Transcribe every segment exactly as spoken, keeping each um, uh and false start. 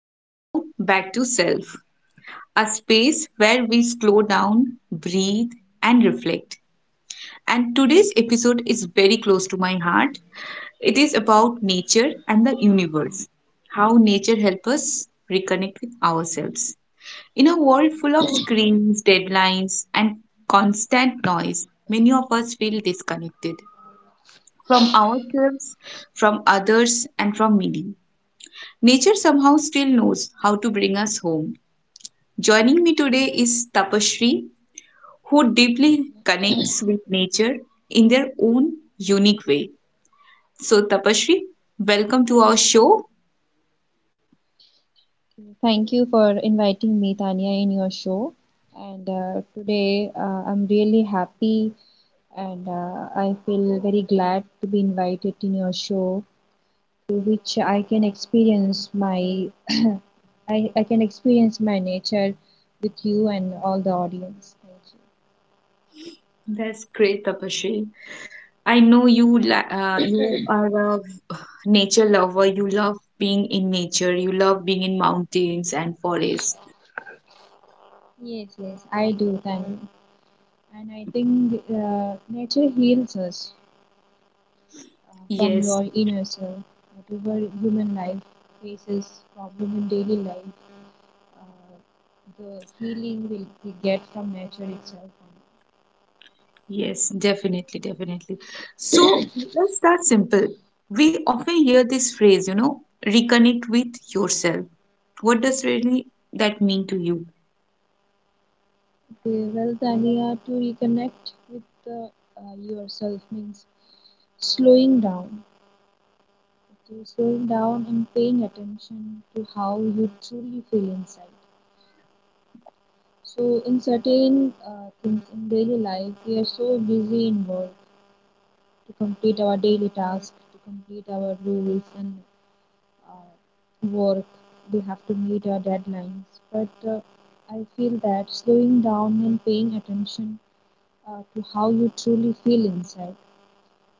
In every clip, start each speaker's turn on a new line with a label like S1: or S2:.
S1: back to Back to Self, a space where we slow down, breathe, and reflect. And today's episode is very close to my heart. It is about nature and the universe, how nature helps us reconnect with ourselves. In a world full of screens, deadlines, and constant noise, many of us feel disconnected from ourselves, from others, and from meaning. Nature somehow still knows how to bring us home. Joining me today is Tapasree, who deeply connects with nature in their own unique way. So, Tapasree, welcome to our show.
S2: Thank you for inviting me, Tanya, in your show. And uh, today uh, I'm really happy and uh, I feel very glad to be invited in your show through which I can experience my I, I can experience my nature with you and all the audience. Thank you.
S1: That's great, Tapasree. I know you la- uh, you are a nature lover. You love being in nature. You love being in mountains and forests.
S2: Yes, yes, I do, Tanya. And I think uh, nature heals us uh, from
S1: Yes.
S2: your inner self, whatever human life faces problem in daily life. Uh, the healing will we get from nature itself.
S1: Yes, definitely, definitely. So let's start simple. We often hear this phrase, you know, reconnect with yourself. What does really that mean to you?
S2: Okay, well, Tania, to reconnect with the, uh, yourself means slowing down. Okay, slowing down and paying attention to how you truly feel inside. So, in certain uh, things in daily life, we are so busy in work to complete our daily tasks, to complete our rules and uh, work, they have to meet our deadlines. But uh, I feel that slowing down and paying attention uh, to how you truly feel inside.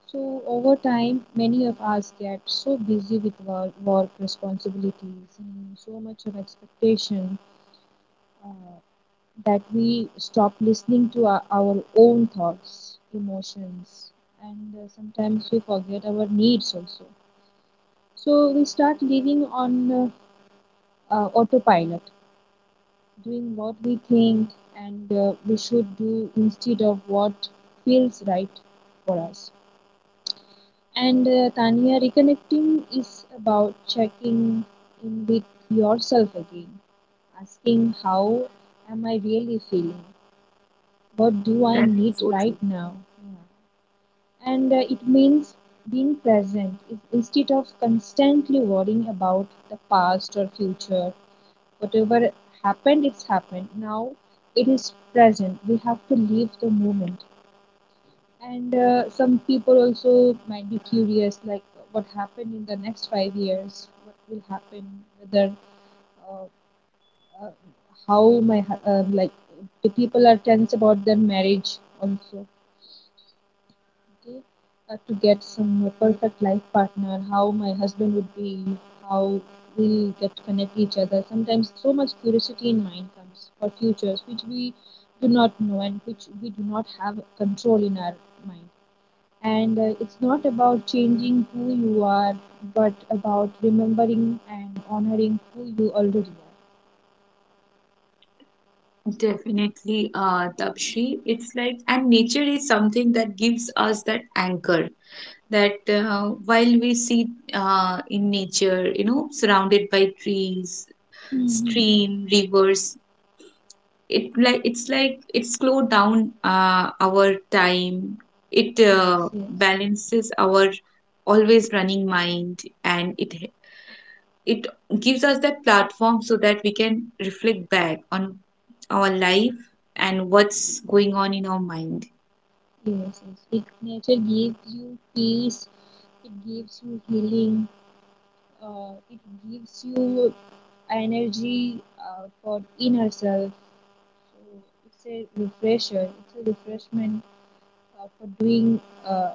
S2: So, over time, many of us get so busy with work, work responsibilities and so much of expectation uh, that we stop listening to our, our own thoughts, emotions, and uh, sometimes we forget our needs also. So, we start living on uh, uh, autopilot, doing what we think and uh, we should do instead of what feels right for us. And uh, Tanya, reconnecting is about checking in with yourself again, asking, how am I really feeling? What do I
S1: That is
S2: need
S1: so
S2: right
S1: true.
S2: now? Yeah. And uh, it means being present instead of constantly worrying about the past or future. Whatever happened, it's happened. Now it is present. We have to live the moment. And uh, some people also might be curious, like what happened in the next five years, what will happen, whether uh, uh, how my uh, like the people are tense about their marriage also. Opportunity uh, to get some perfect life partner, how my husband would be, how we'll get to connect each other. Sometimes so much curiosity in mind comes for futures which we do not know and which we do not have control in our mind. And uh, it's not about changing who you are, but about remembering and honoring who you already are.
S1: Definitely, uh, Tapshri. It's like, and nature is something that gives us that anchor. That uh, while we sit uh, in nature, you know, surrounded by trees,
S2: Hmm.
S1: stream, rivers, it like it's like it slowed down uh, our time, it
S2: Yes,
S1: uh,
S2: yes.
S1: balances our always running mind, and it it gives us that platform so that we can reflect back on our life and what's going on in our mind.
S2: Yes, yes. It, nature gives you peace, it gives you healing, uh, it gives you energy uh, for inner self. So it's a refresher. It's a refreshment uh, for doing uh,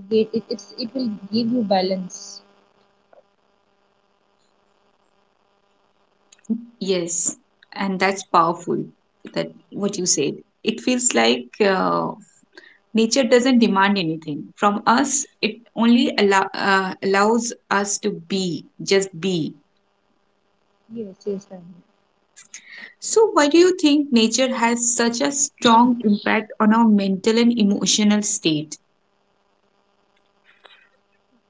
S2: again. It, it's it will give you balance.
S1: Yes, and that's powerful, that what you said. It feels like uh, nature doesn't demand anything from us, it only allow, uh, allows us to be, just be.
S2: Yes, yes, yes, Tanvi.
S1: So, why do you think nature has such a strong impact on our mental and emotional state?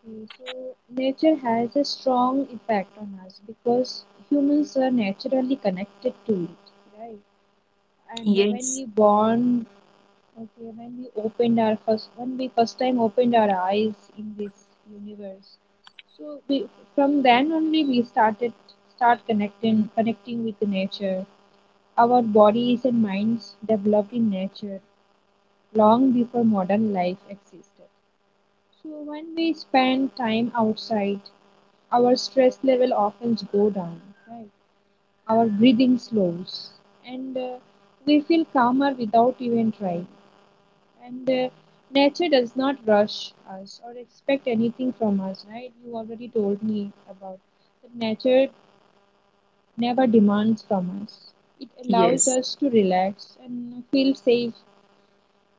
S2: Okay, so nature has a strong effect on us because humans are naturally connected to it, right? And when
S1: Yes,
S2: we bond, okay, when we opened our first, when we first time opened our eyes in this universe, so we from then only we started start connecting connecting with the nature. Our bodies and minds developed in nature long before modern life existed. So when we spend time outside, our stress level often go down, right? Our breathing slows, and uh, we feel calmer without even trying. And uh, nature does not rush us or expect anything from us, right? You already told me about that nature never demands from us. It allows
S1: yes,
S2: us to relax and feel safe.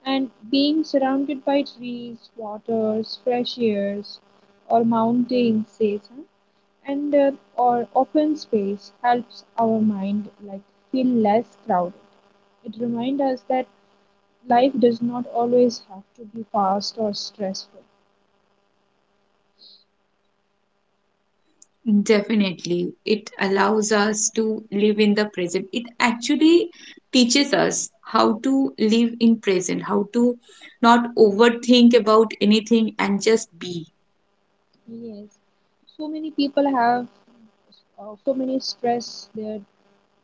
S2: And being surrounded by trees, waters, fresh airs, or mountains, says, huh? and uh, or open space helps our mind like feel less crowded. It reminds us that life does not always have to be fast or stressful.
S1: definitely. It allows us to live in the present. It actually teaches us how to live in present, how to not overthink about anything and just be.
S2: Yes, so many people have uh, so many stress they're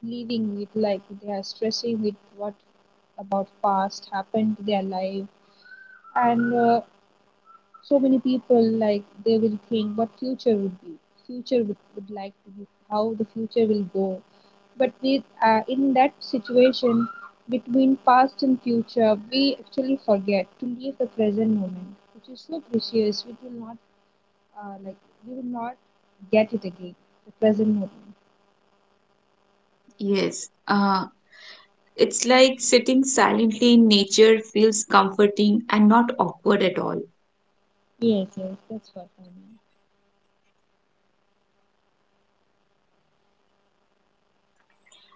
S2: living with, like they are stressing with what about past happened to their life, and uh, so many people like they will think what future would be, future would, would like to be how the future will go, but with uh, in that situation between past and future we actually forget to live the present moment which is so precious. We will not uh, like we will not get it again, the present moment.
S1: Yes. Uh, It's like sitting silently in nature feels comforting and not awkward at all.
S2: Yes, yes, that's what I mean.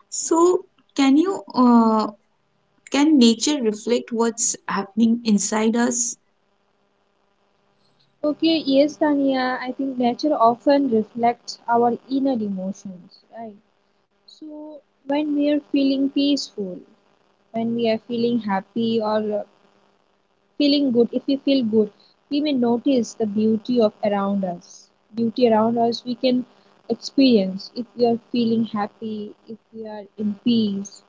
S1: So, can you uh, can nature reflect what's happening inside us?
S2: Okay, yes, Tania. I think nature often reflects our inner emotions, right? So, when we are feeling peaceful, when we are feeling happy or uh, feeling good, if we feel good, we may notice the beauty of around us. Beauty around us we can experience if we are feeling happy, if we are in peace.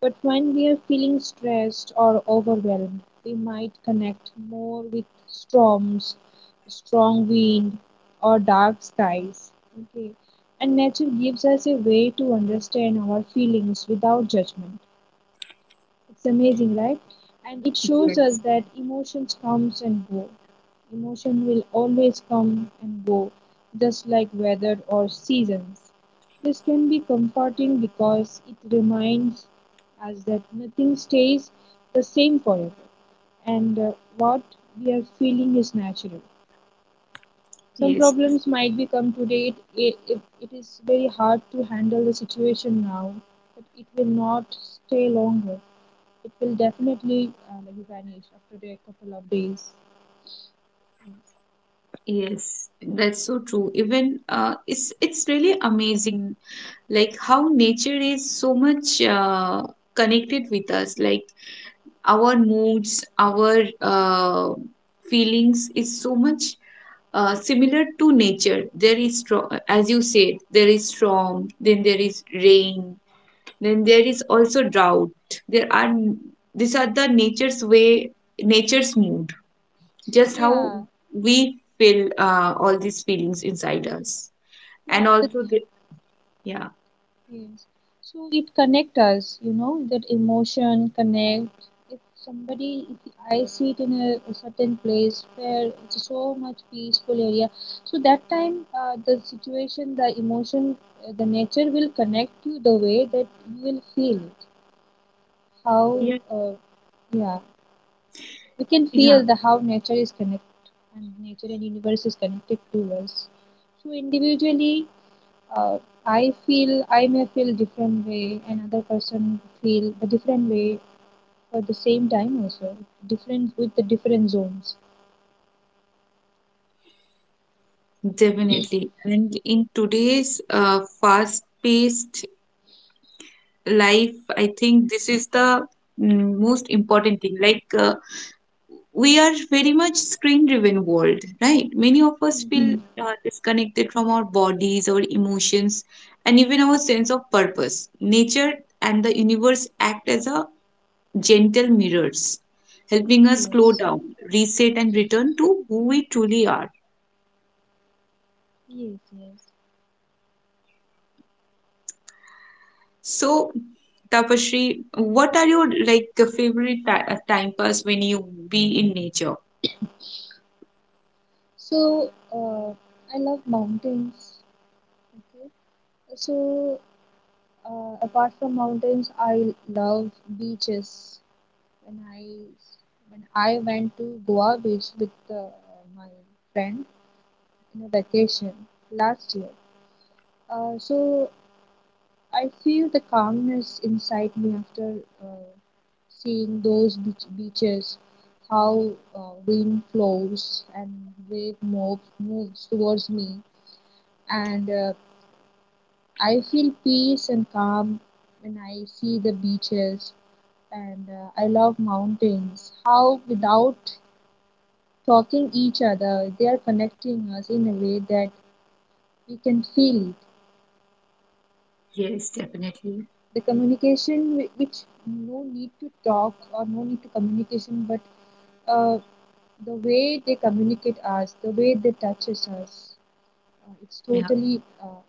S2: But when we are feeling stressed or overwhelmed, we might connect more with storms, strong wind, or dark skies. Okay, and nature gives us a way to understand our feelings without judgment. It's amazing, right? And it shows us
S1: Yes.
S2: that emotions comes and go. Emotion will always come and go, just like weather or seasons. This can be comforting because it reminds us that nothing stays the same forever and uh, what we are feeling is natural. Some
S1: Yes,
S2: problems might become today. It, it, it is very hard to handle the situation now, but it will not stay longer. It will definitely uh, like vanish after a couple of days. Yes.
S1: yes, that's so true. Even uh, it's it's really amazing, like how nature is so much uh, connected with us. Like our moods, our uh, feelings is so much uh, similar to nature. There is, stro- as you said, there is storm, then there is rain, then there is also drought. There are, these are the nature's way, nature's mood. Just how
S2: Yeah,
S1: we feel uh, all these feelings inside us,
S2: yeah,
S1: and
S2: that
S1: also the yeah.
S2: yes. So it connect us, you know, that emotion connect. If somebody, if I see it in a, a certain place where it's so much peaceful area, so that time uh, the situation, the emotion, uh, the nature will connect you the way that you will feel it. How,
S1: Yeah,
S2: uh, yeah. We can
S1: yeah,
S2: feel the how nature is connected and nature and universe is connected to us. So individually, uh, I feel I may feel different way, another person feel a different way for the same time also. Different with the different zones.
S1: definitely. And in today's uh, fast-paced life, I think this is the mm, most important thing. Like uh, we are very much screen driven world, right? Many of us feel
S2: Mm-hmm.
S1: uh, disconnected from our bodies, our emotions, and even our sense of purpose. Nature and the universe act as a gentle mirrors, helping us slow
S2: Yes.
S1: down, reset, and return to who we truly are.
S2: Yes, yes.
S1: So, Tapashri, what are your, like, favorite ti- uh, time pass when you be in nature?
S2: So, uh, I love mountains. Okay. So, uh, apart from mountains, I love beaches. When I when I went to Goa Beach with uh, my friend in a vacation last year. Uh, so I feel the calmness inside me after uh, seeing those beach- beaches, how uh, wind flows and wave moves, moves towards me, and uh, I feel peace and calm when I see the beaches and uh, I love mountains. How without talking each other they are connecting us in a way that we can feel it,
S1: Yes, definitely.
S2: the communication whi- which no need to talk or no need to communication but uh, the way they communicate us, the way they touches us, uh, it's
S1: Yeah.
S2: totally uh,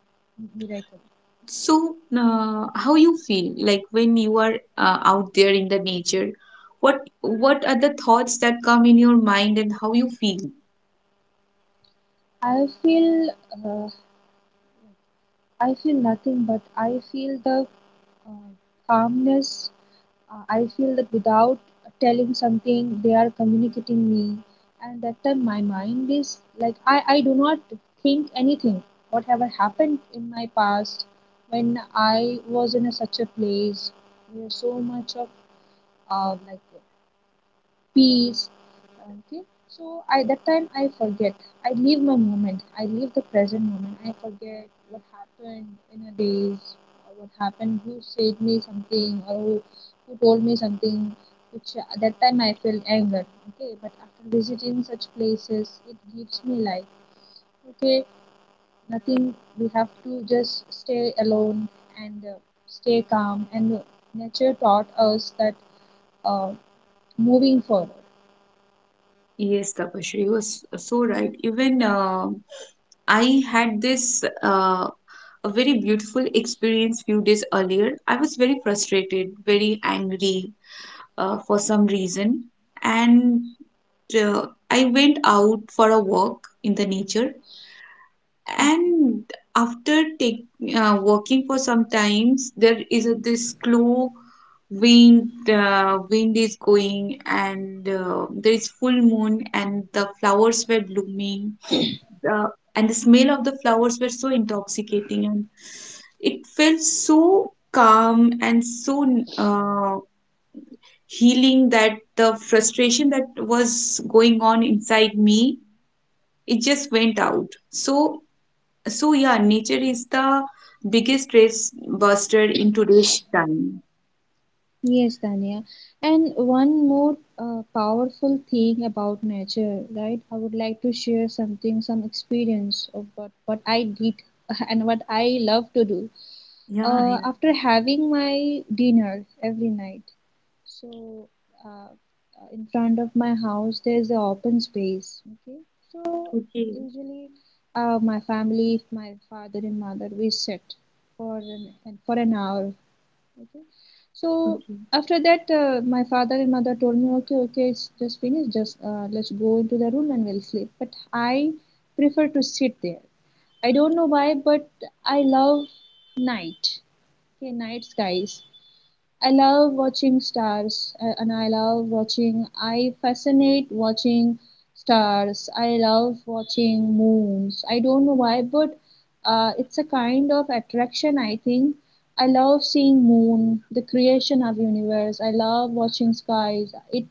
S2: miracle.
S1: So, uh, how you feel like when you are uh, out there in the nature? What what are the thoughts that come in your mind and how you feel?
S2: i feel uh, I feel nothing but I feel the uh, calmness. Uh, I feel that without telling something, they are communicating me, and that time my mind is like I, I do not think anything. Whatever happened in my past, when I was in a, such a place where so much of uh, like peace. Okay, so I that time I forget, I leave my moment, I leave the present moment, I forget what happened in a days or what happened, who said me something or who, who told me something which at that time I felt anger. Okay, but after visiting such places it gives me life. Okay, nothing, we have to just stay alone and uh, stay calm and nature taught us that uh, moving forward,
S1: Yes, Tapashri, you was so right. Even uh, I had this uh, a very beautiful experience few days earlier. I was very frustrated, very angry uh, for some reason, and uh, I went out for a walk in the nature,
S2: okay.
S1: and after take, uh, working for some times. There is a, this slow wind, uh, wind is going, and uh, there is full moon and the flowers were blooming, uh, and the smell of the flowers were so intoxicating, and it felt so calm and so uh, healing that the frustration that was going on inside me, it just went out. So, so yeah, nature is the biggest stress buster in today's time.
S2: Yes, Dania. And one more uh, powerful thing about nature, right? I would like to share something, some experience of what, what I did and what I love to do.
S1: Yeah,
S2: Uh,
S1: yeah.
S2: after having my dinner every night, so uh, uh, in front of my house there's an open space. Okay, so
S1: Okay,
S2: usually uh, my family, my father and mother, we sit for an for an hour. Okay. So
S1: okay.
S2: after that, uh, my father and mother told me, okay, okay, it's just finished. Just uh, let's go into the room and we'll sleep. But I prefer to sit there. I don't know why, but I love night. Okay, night skies. I love watching stars uh, and I love watching, I fascinate watching stars. I love watching moons. I don't know why, but uh, it's a kind of attraction, I think. I love seeing moon, the creation of universe. I love watching skies. It,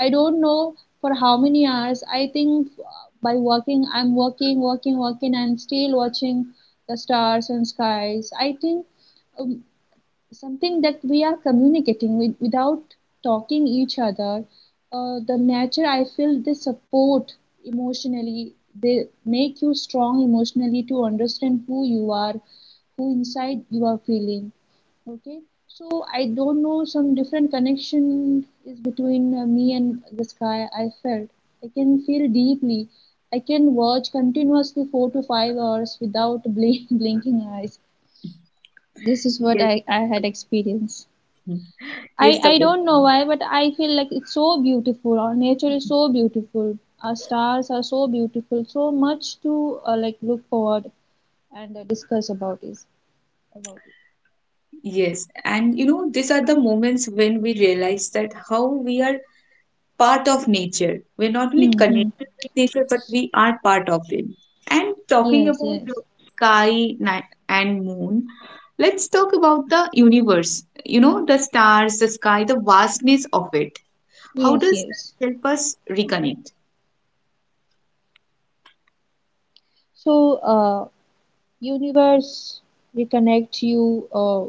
S2: I don't know for how many hours. I think uh, by working, I'm working, working, working, and still watching the stars and skies. I think um, something that we are communicating with, without talking each other, uh, the nature, I feel they support emotionally, they make you strong emotionally to understand who you are, who inside you are feeling, okay. So I don't know, some different connection is between uh, me and the sky I felt. I can feel deeply, I can watch continuously four to five hours without blink, blinking eyes. This is what
S1: Yes.
S2: i, I had experienced.
S1: Mm.
S2: I
S1: Yes,
S2: I don't know
S1: Tapasri.
S2: why, but I feel like it's so beautiful. Our nature is so beautiful. Our stars are so beautiful. So much to uh, like look forward and uh, discuss about is about
S1: Yes. And you know, these are the moments when we realize that how we are part of nature. We're not
S2: it.
S1: only
S2: Mm-hmm.
S1: connected with nature, but we are part of it. And talking
S2: Yes,
S1: about the
S2: yes,
S1: sky ni- and moon, let's talk about the universe. You know, the stars, the sky, the vastness of it. How
S2: yes,
S1: does
S2: yes.
S1: that help us reconnect?
S2: So, uh, universe reconnect you uh,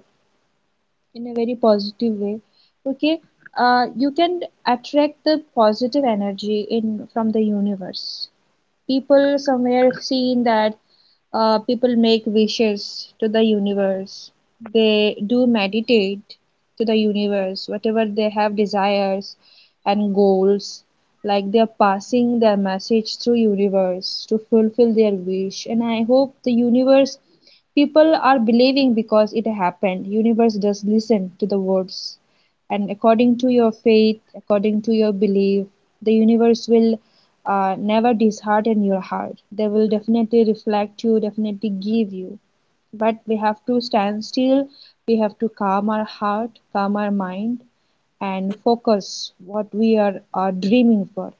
S2: in a very positive way. Okay, uh, you can attract the positive energy in from the universe. People somewhere seen that uh, people make wishes to the universe. They do meditate to the universe, whatever they have desires and goals. Like they are passing their message through universe to fulfill their wish. And I hope the universe people are believing because it happened. Universe does listen to the words and according to your faith, according to your belief, the universe will uh, never dishearten your heart. They will definitely reflect you, definitely give you. But we have to stand still, we have to calm our heart, calm our mind, and focus what we are, are dreaming for.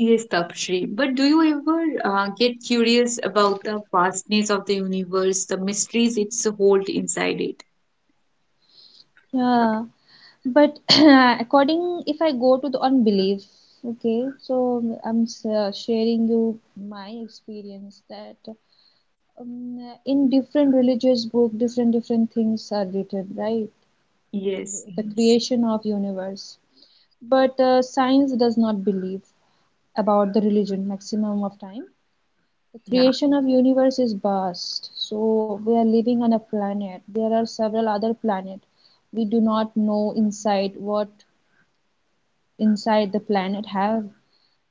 S1: Yes, Tapshri. But do you ever uh, get curious about the vastness of the universe, the mysteries it's hold inside it?
S2: Yeah, but according if I go to the unbelief, okay, so I'm s- uh, sharing you my experience that um, in different religious book different different things are written, right? In the,
S1: Yes,
S2: the
S1: yes,
S2: creation of universe, but uh, science does not believe about the religion maximum of time. The
S1: yeah,
S2: creation of universe is vast, so we are living on a planet, there are several other planet. We do not know inside what inside the planet have,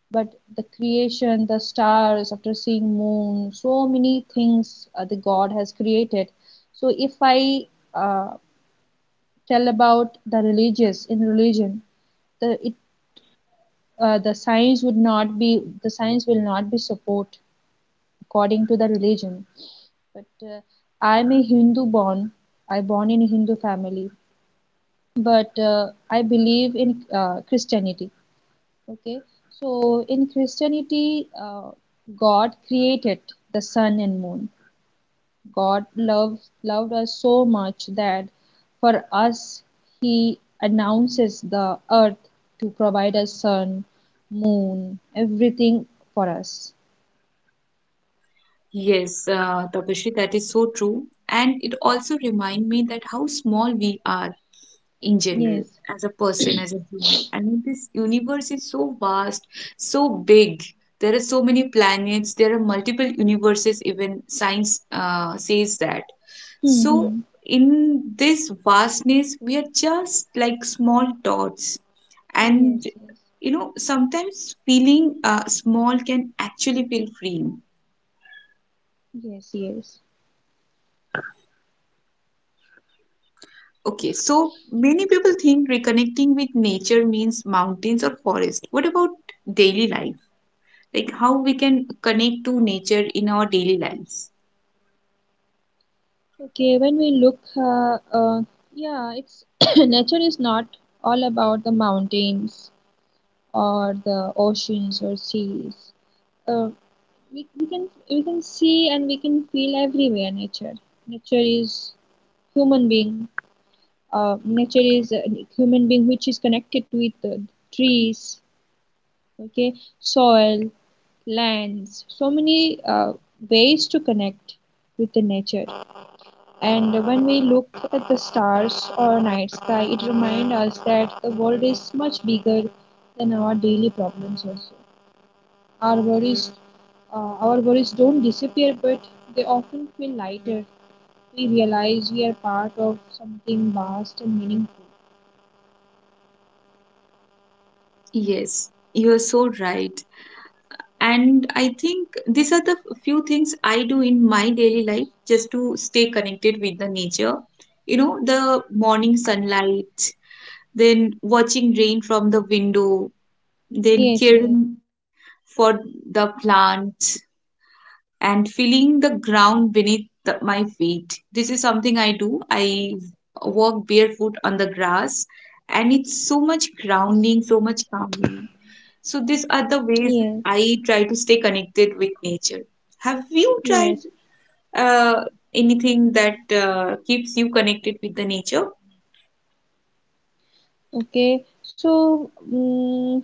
S2: but the creation, the stars, after seeing moon, so many things, uh, the god has created. So if i uh, tell about the religious in religion, the it uh, the science would not be, the science will not be support according to the religion. But uh, I'm a Hindu born, I born in a Hindu family, but uh, I believe in uh, Christianity. Okay, so in Christianity, uh, God created the sun and moon. God loves loved us so much that for us announces the earth to provide us sun, moon, everything for us.
S1: yes, uh, Tapashri, that is so true. And it also reminds me that how small we are, in general,
S2: Yes.
S1: as a person, as a human. I mean, this universe is so vast, so big. There are so many planets, there are multiple universes, even science uh, says that. So
S2: Mm-hmm.
S1: in this vastness we are just like small dots,
S2: Yes,
S1: and
S2: yes,
S1: you know, sometimes feeling uh, small can actually feel freeing.
S2: yes, yes.
S1: Okay, so many people think reconnecting with nature means mountains or forest. What about daily life, like how we can connect to nature in our daily lives?
S2: Okay, when we look, uh, uh, yeah, it's nature is not all about the mountains, or the oceans or seas. Uh, we, we can we can see and we can feel everywhere nature. Nature is human being. Uh, nature is a human being which is connected with the trees, okay, soil, lands, so many uh, ways to connect with the nature. And when we look at the stars or night sky, it reminds us that the world is much bigger than our daily problems also. Our worries, uh, our worries don't disappear, but they often feel lighter. We realize we are part of something vast and meaningful.
S1: Yes, you're so right. And I think these are the few things I do in my daily life just to stay connected with the nature. You know, the morning sunlight, then watching rain from the window, then
S2: Yes,
S1: caring
S2: yes.
S1: for the plants, and feeling
S2: Yeah,
S1: the ground
S2: watching.
S1: beneath
S2: Uh,
S1: the- my feet. This is something I do. I walk barefoot on the grass, and it's so much grounding, so much calming. So, these are the ways
S2: Yes,
S1: I try to stay connected with nature. Have you tried
S2: yes.
S1: uh, anything that uh, keeps you connected with the nature?
S2: Okay. So, mm,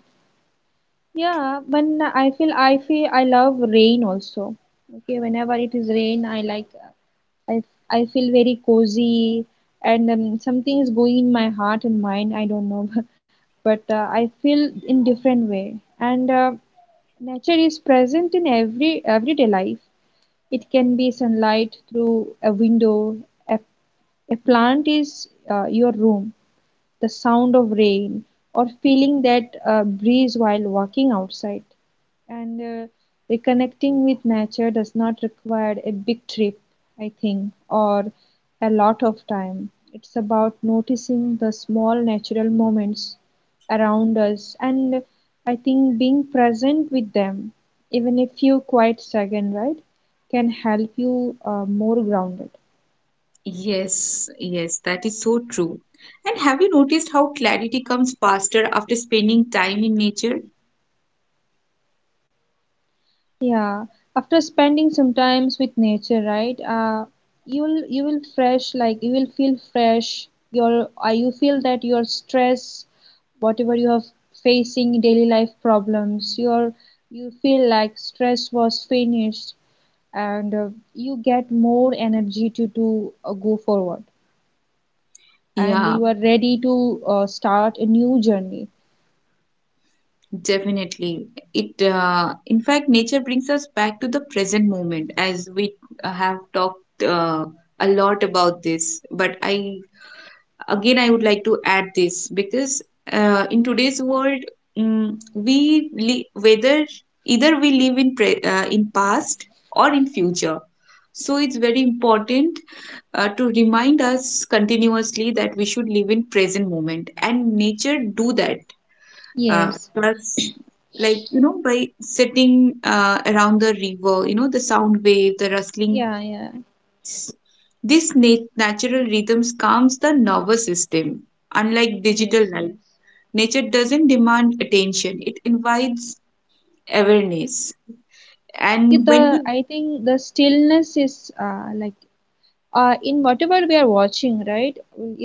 S2: yeah, when I feel I feel I love rain also. Okay, whenever it is rain, I like I, I feel very cozy and um, something is going in my heart and mind. I don't know, but uh, I feel in different way. And uh, nature is present in every everyday life. It can be sunlight through a window. A, a plant is uh, your room, the sound of rain, or feeling that uh, breeze while walking outside. And uh, reconnecting with nature does not require a big trip, I think, or a lot of time. It's about noticing the small natural moments around us, and I think being present with them, even a few quiet seconds, right, can help you uh, more grounded.
S1: Yes, yes, that is so true. And have you noticed how clarity comes faster after spending time in nature?
S2: Yeah, after spending some times with nature, right? Uh, you will you will fresh like you will feel fresh. Your uh, you feel that your stress, whatever you are facing daily life problems, your you feel like stress was finished, and uh, you get more energy to do uh, go forward, and
S1: Yeah.
S2: you are ready to uh, start a new journey.
S1: Definitely. It, uh, in fact, nature brings us back to the present moment, as we uh, have talked uh, a lot about this. But I, again, I would like to add this because uh, in today's world, mm we li- whether either we live in pre- uh, in past or in future. So it's very important uh, to remind us continuously that we should live in present moment, and nature do that, uh,
S2: Yes.
S1: plus, like, you know, by sitting uh, around the river, you know, the sound wave, the rustling,
S2: Yeah. Yeah.
S1: this nat- natural rhythms calms the nervous system. Unlike
S2: Yes.
S1: digital life,
S2: Yes.
S1: nature doesn't demand attention, it invites awareness.
S2: Yeah,
S1: And when we
S2: the I think the stillness is uh, like uh, in whatever we are watching, right?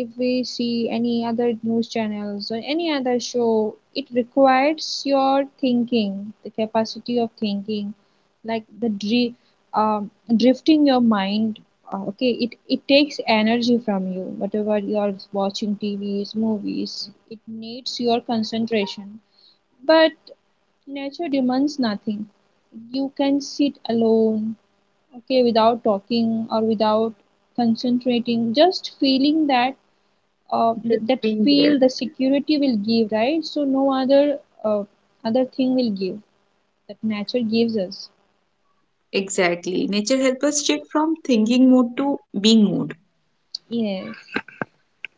S2: If we see any other news channels or any other show, it requires your thinking, the capacity of thinking, like the dri um, drifting your mind. Uh, okay, it it takes energy from you. Whatever you are watching, T Vs, movies, it needs your concentration. But nature demands nothing, you can sit alone, okay, without talking or without concentrating, just feeling that uh, th-
S1: just
S2: that
S1: being
S2: feel
S1: there,
S2: the security will give, right? So no other uh, other thing will give that nature gives us.
S1: exactly, nature helps us shift from thinking mode to being mode.
S2: Yes,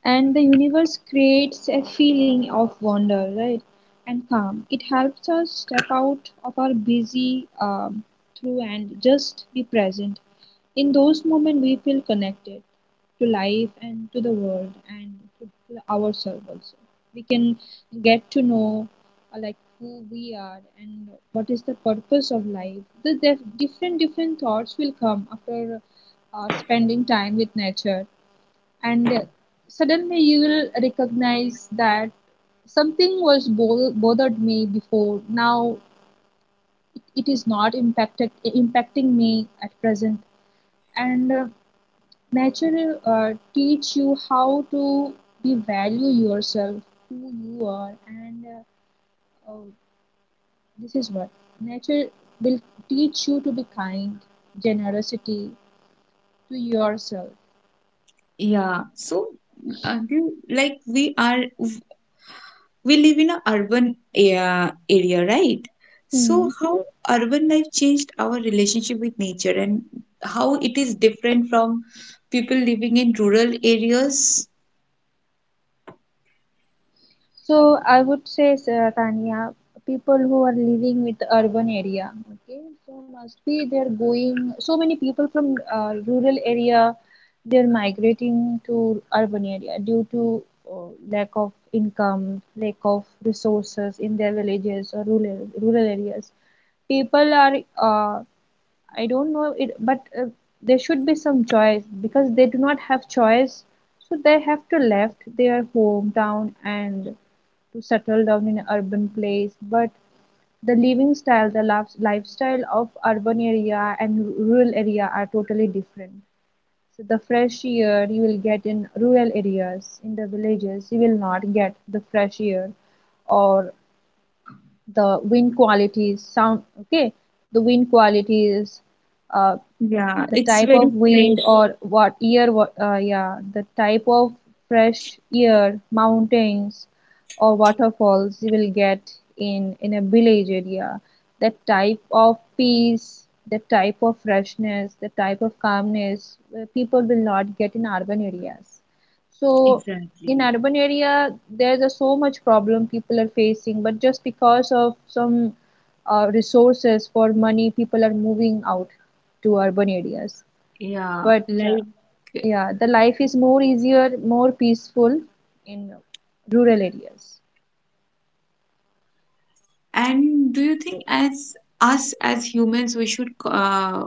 S2: and the universe creates a feeling of wonder, right, and calm. It helps us step out of our busy um, through and just be present. In those moments we feel connected to life and to the world, and to to ourselves also. We can get to know uh, like who we are and what is the purpose of life. The, the different different thoughts will come after uh, spending time with nature, and suddenly you will recognize that something was bo- bothered me before. Now it, it is not impacted impacting me at present. And uh, nature uh, teach you how to be value yourself, who you are, and uh, uh, this is what nature will teach you to be kind, generosity to yourself.
S1: Yeah, so uh, do you, like, we are, we live in an urban area, area, right?
S2: Hmm.
S1: So, how urban life changed our relationship with nature and how it is different from people living in rural areas?
S2: So I would say, Sa- Tanya, people who are living with urban area, okay, so must be they're going. So many people from uh, rural area, they're migrating to urban area due to uh, lack of income, lack of resources in their villages or rural rural areas. People are uh, I don't know it, but uh, there should be some choice because they do not have choice, so they have to left their hometown and to settle down in an urban place. But the living style, the lif- lifestyle of urban area and rural area are totally different. So the fresh air you will get in rural areas, in the villages, you will not get the fresh air, or the wind qualities sound, okay, the wind qualities, uh,
S1: Yeah,
S2: the
S1: it's
S2: type of
S1: very
S2: wind
S1: fresh.
S2: or what year what uh, yeah the type of fresh air, mountains or waterfalls you will get in in a village area, the type of peace, the type of freshness, the type of calmness, uh, people will not get in urban areas. So in
S1: Exactly.
S2: urban area there's a so much problem people are facing, but just because of some uh, resources for money, people are moving out to urban areas.
S1: Yeah,
S2: But uh,
S1: like,
S2: yeah, the life is more easier, more peaceful in rural areas.
S1: and do you think, as us as humans, we should uh,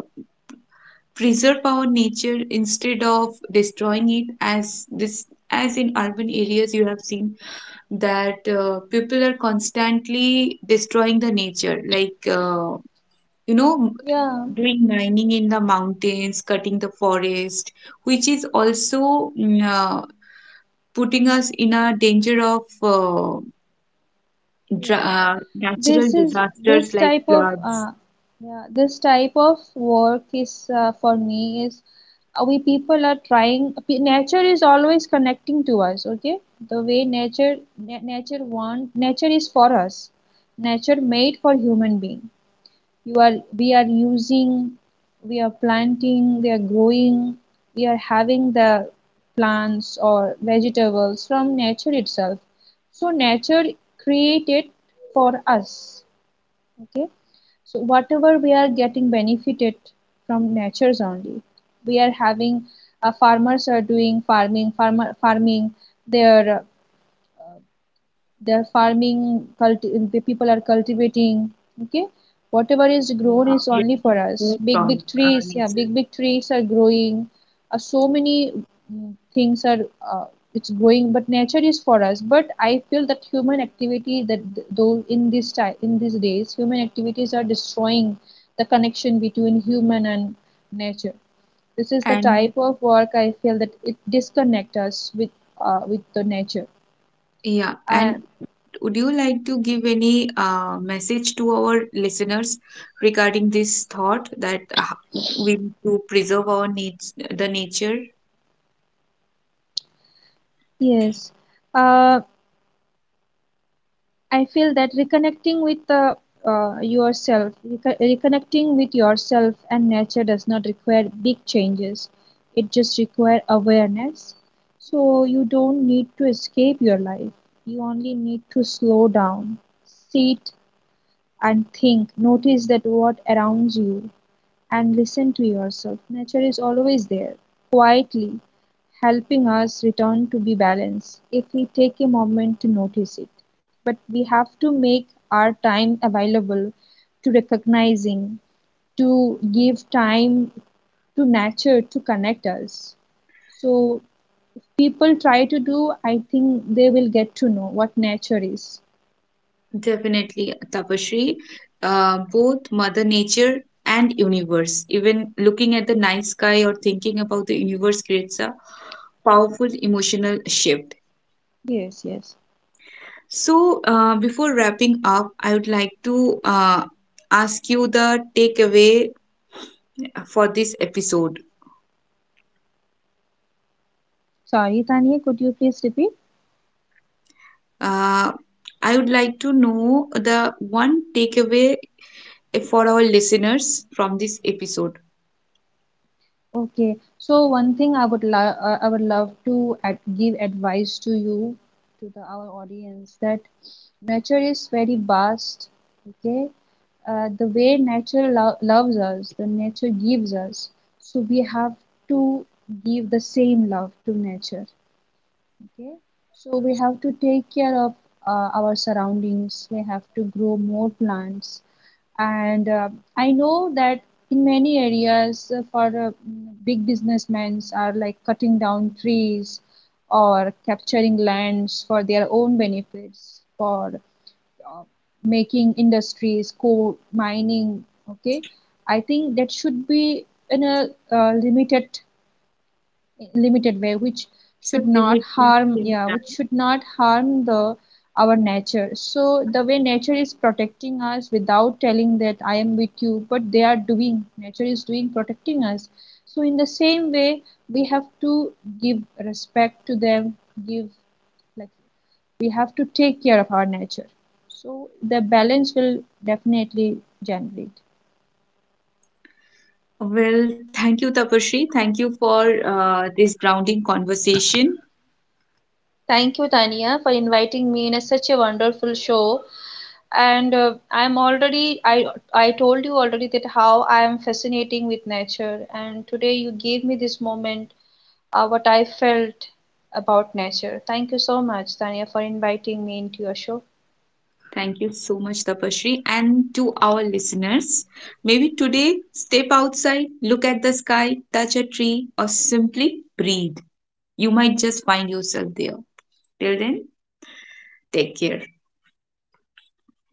S1: preserve our nature instead of destroying it? As this, as in urban areas, you have seen that uh, people are constantly destroying the nature, like, uh, you know,
S2: Yeah,
S1: doing mining in the mountains, cutting the forest, which is also mm, uh, putting us in a danger of uh, dra-
S2: yeah, yeah.
S1: uh,
S2: This
S1: natural
S2: is
S1: disasters
S2: this
S1: like
S2: type of
S1: floods.
S2: uh, yeah, this type of work is uh, for me is uh, we people are trying. p- Nature is always connecting to us. Okay, the way nature na- nature want, nature is for us. Nature made for human being, you are we are using, we are planting, we are growing, we are having the plants or vegetables from nature itself. So nature created for us, okay, so whatever we are getting benefited from nature's only we are having. Uh, farmers are doing farming, farmer farming, their they're farming, culti- the people are cultivating, okay, whatever is grown
S1: Uh,
S2: is
S1: we are
S2: only for
S1: getting
S2: us.
S1: food
S2: Big big
S1: from uh,
S2: trees, yeah,
S1: nature.
S2: big big trees are growing, uh, so many mm, things are uh, it's growing. But nature is for us, but I feel that human activity that, though in this time in these days, human activities are destroying the connection between human and nature. This is the
S1: And
S2: type of work I feel that it disconnects us with uh, with the nature.
S1: yeah,
S2: I,
S1: and would you like to give any uh, message to our listeners regarding this thought that uh, we need to preserve our needs, the nature?
S2: yes, uh, I feel that reconnecting with uh, uh, yourself, reco- reconnecting with yourself and nature does not require big changes. It just requires awareness. So you don't need to escape your life. You only need to slow down, sit and think. Notice that what around you and listen to yourself. Nature is always there, quietly helping us return to be balanced if we take a moment to notice it. But we have to make our time available to recognizing, to give time to nature to connect us. So people try to do, I think they will get to know what nature is.
S1: Definitely, Tapashri. Uh, both Mother Nature and universe. Even looking at the night sky or thinking about the universe creates a powerful emotional shift.
S2: Yes, yes.
S1: So, uh, before wrapping up, I would like to uh, ask you the takeaway for this episode.
S2: Sorry, Tanya, could you please repeat?
S1: Uh, I would like to know the one takeaway for our listeners from this episode.
S2: Okay, so one thing I would love uh, I would love to ad give advice to you, to the our audience, that nature is very vast. Okay, uh, the way nature lo loves us, the nature gives us, so we have to give the same love to nature. Okay, so we have to take care of uh, our surroundings. We have to grow more plants, and uh, I know that in many areas uh, for uh, big businessmen are like cutting down trees or capturing lands for their own benefits, for uh, making industries, coal mining, okay, I think that should be in a uh, limited limited way, which should
S1: Should
S2: not
S1: limit to
S2: harm,
S1: things
S2: yeah, which
S1: that-
S2: should not harm the our nature. So the way nature is protecting us without telling that I am with you, but they are doing, nature is doing, protecting us, so in the same way we have to give respect to them, give, like, we have to take care of our nature, so the balance will definitely generate.
S1: Well, thank you, Tapashri. Thank you for uh, this grounding conversation.
S2: Thank you, Tania, for inviting me in a, such a wonderful show. and uh, i'm already i I told you already that how I am fascinating with nature, and today you gave me this moment, uh, what I felt about nature. Thank you so much, Tanya, for inviting me into your show.
S1: Thank you so much, Tapashri. And to our listeners, maybe today step outside, look at the sky, touch a tree, or simply breathe. You might just find yourself there. Till then, take care.
S2: Bye.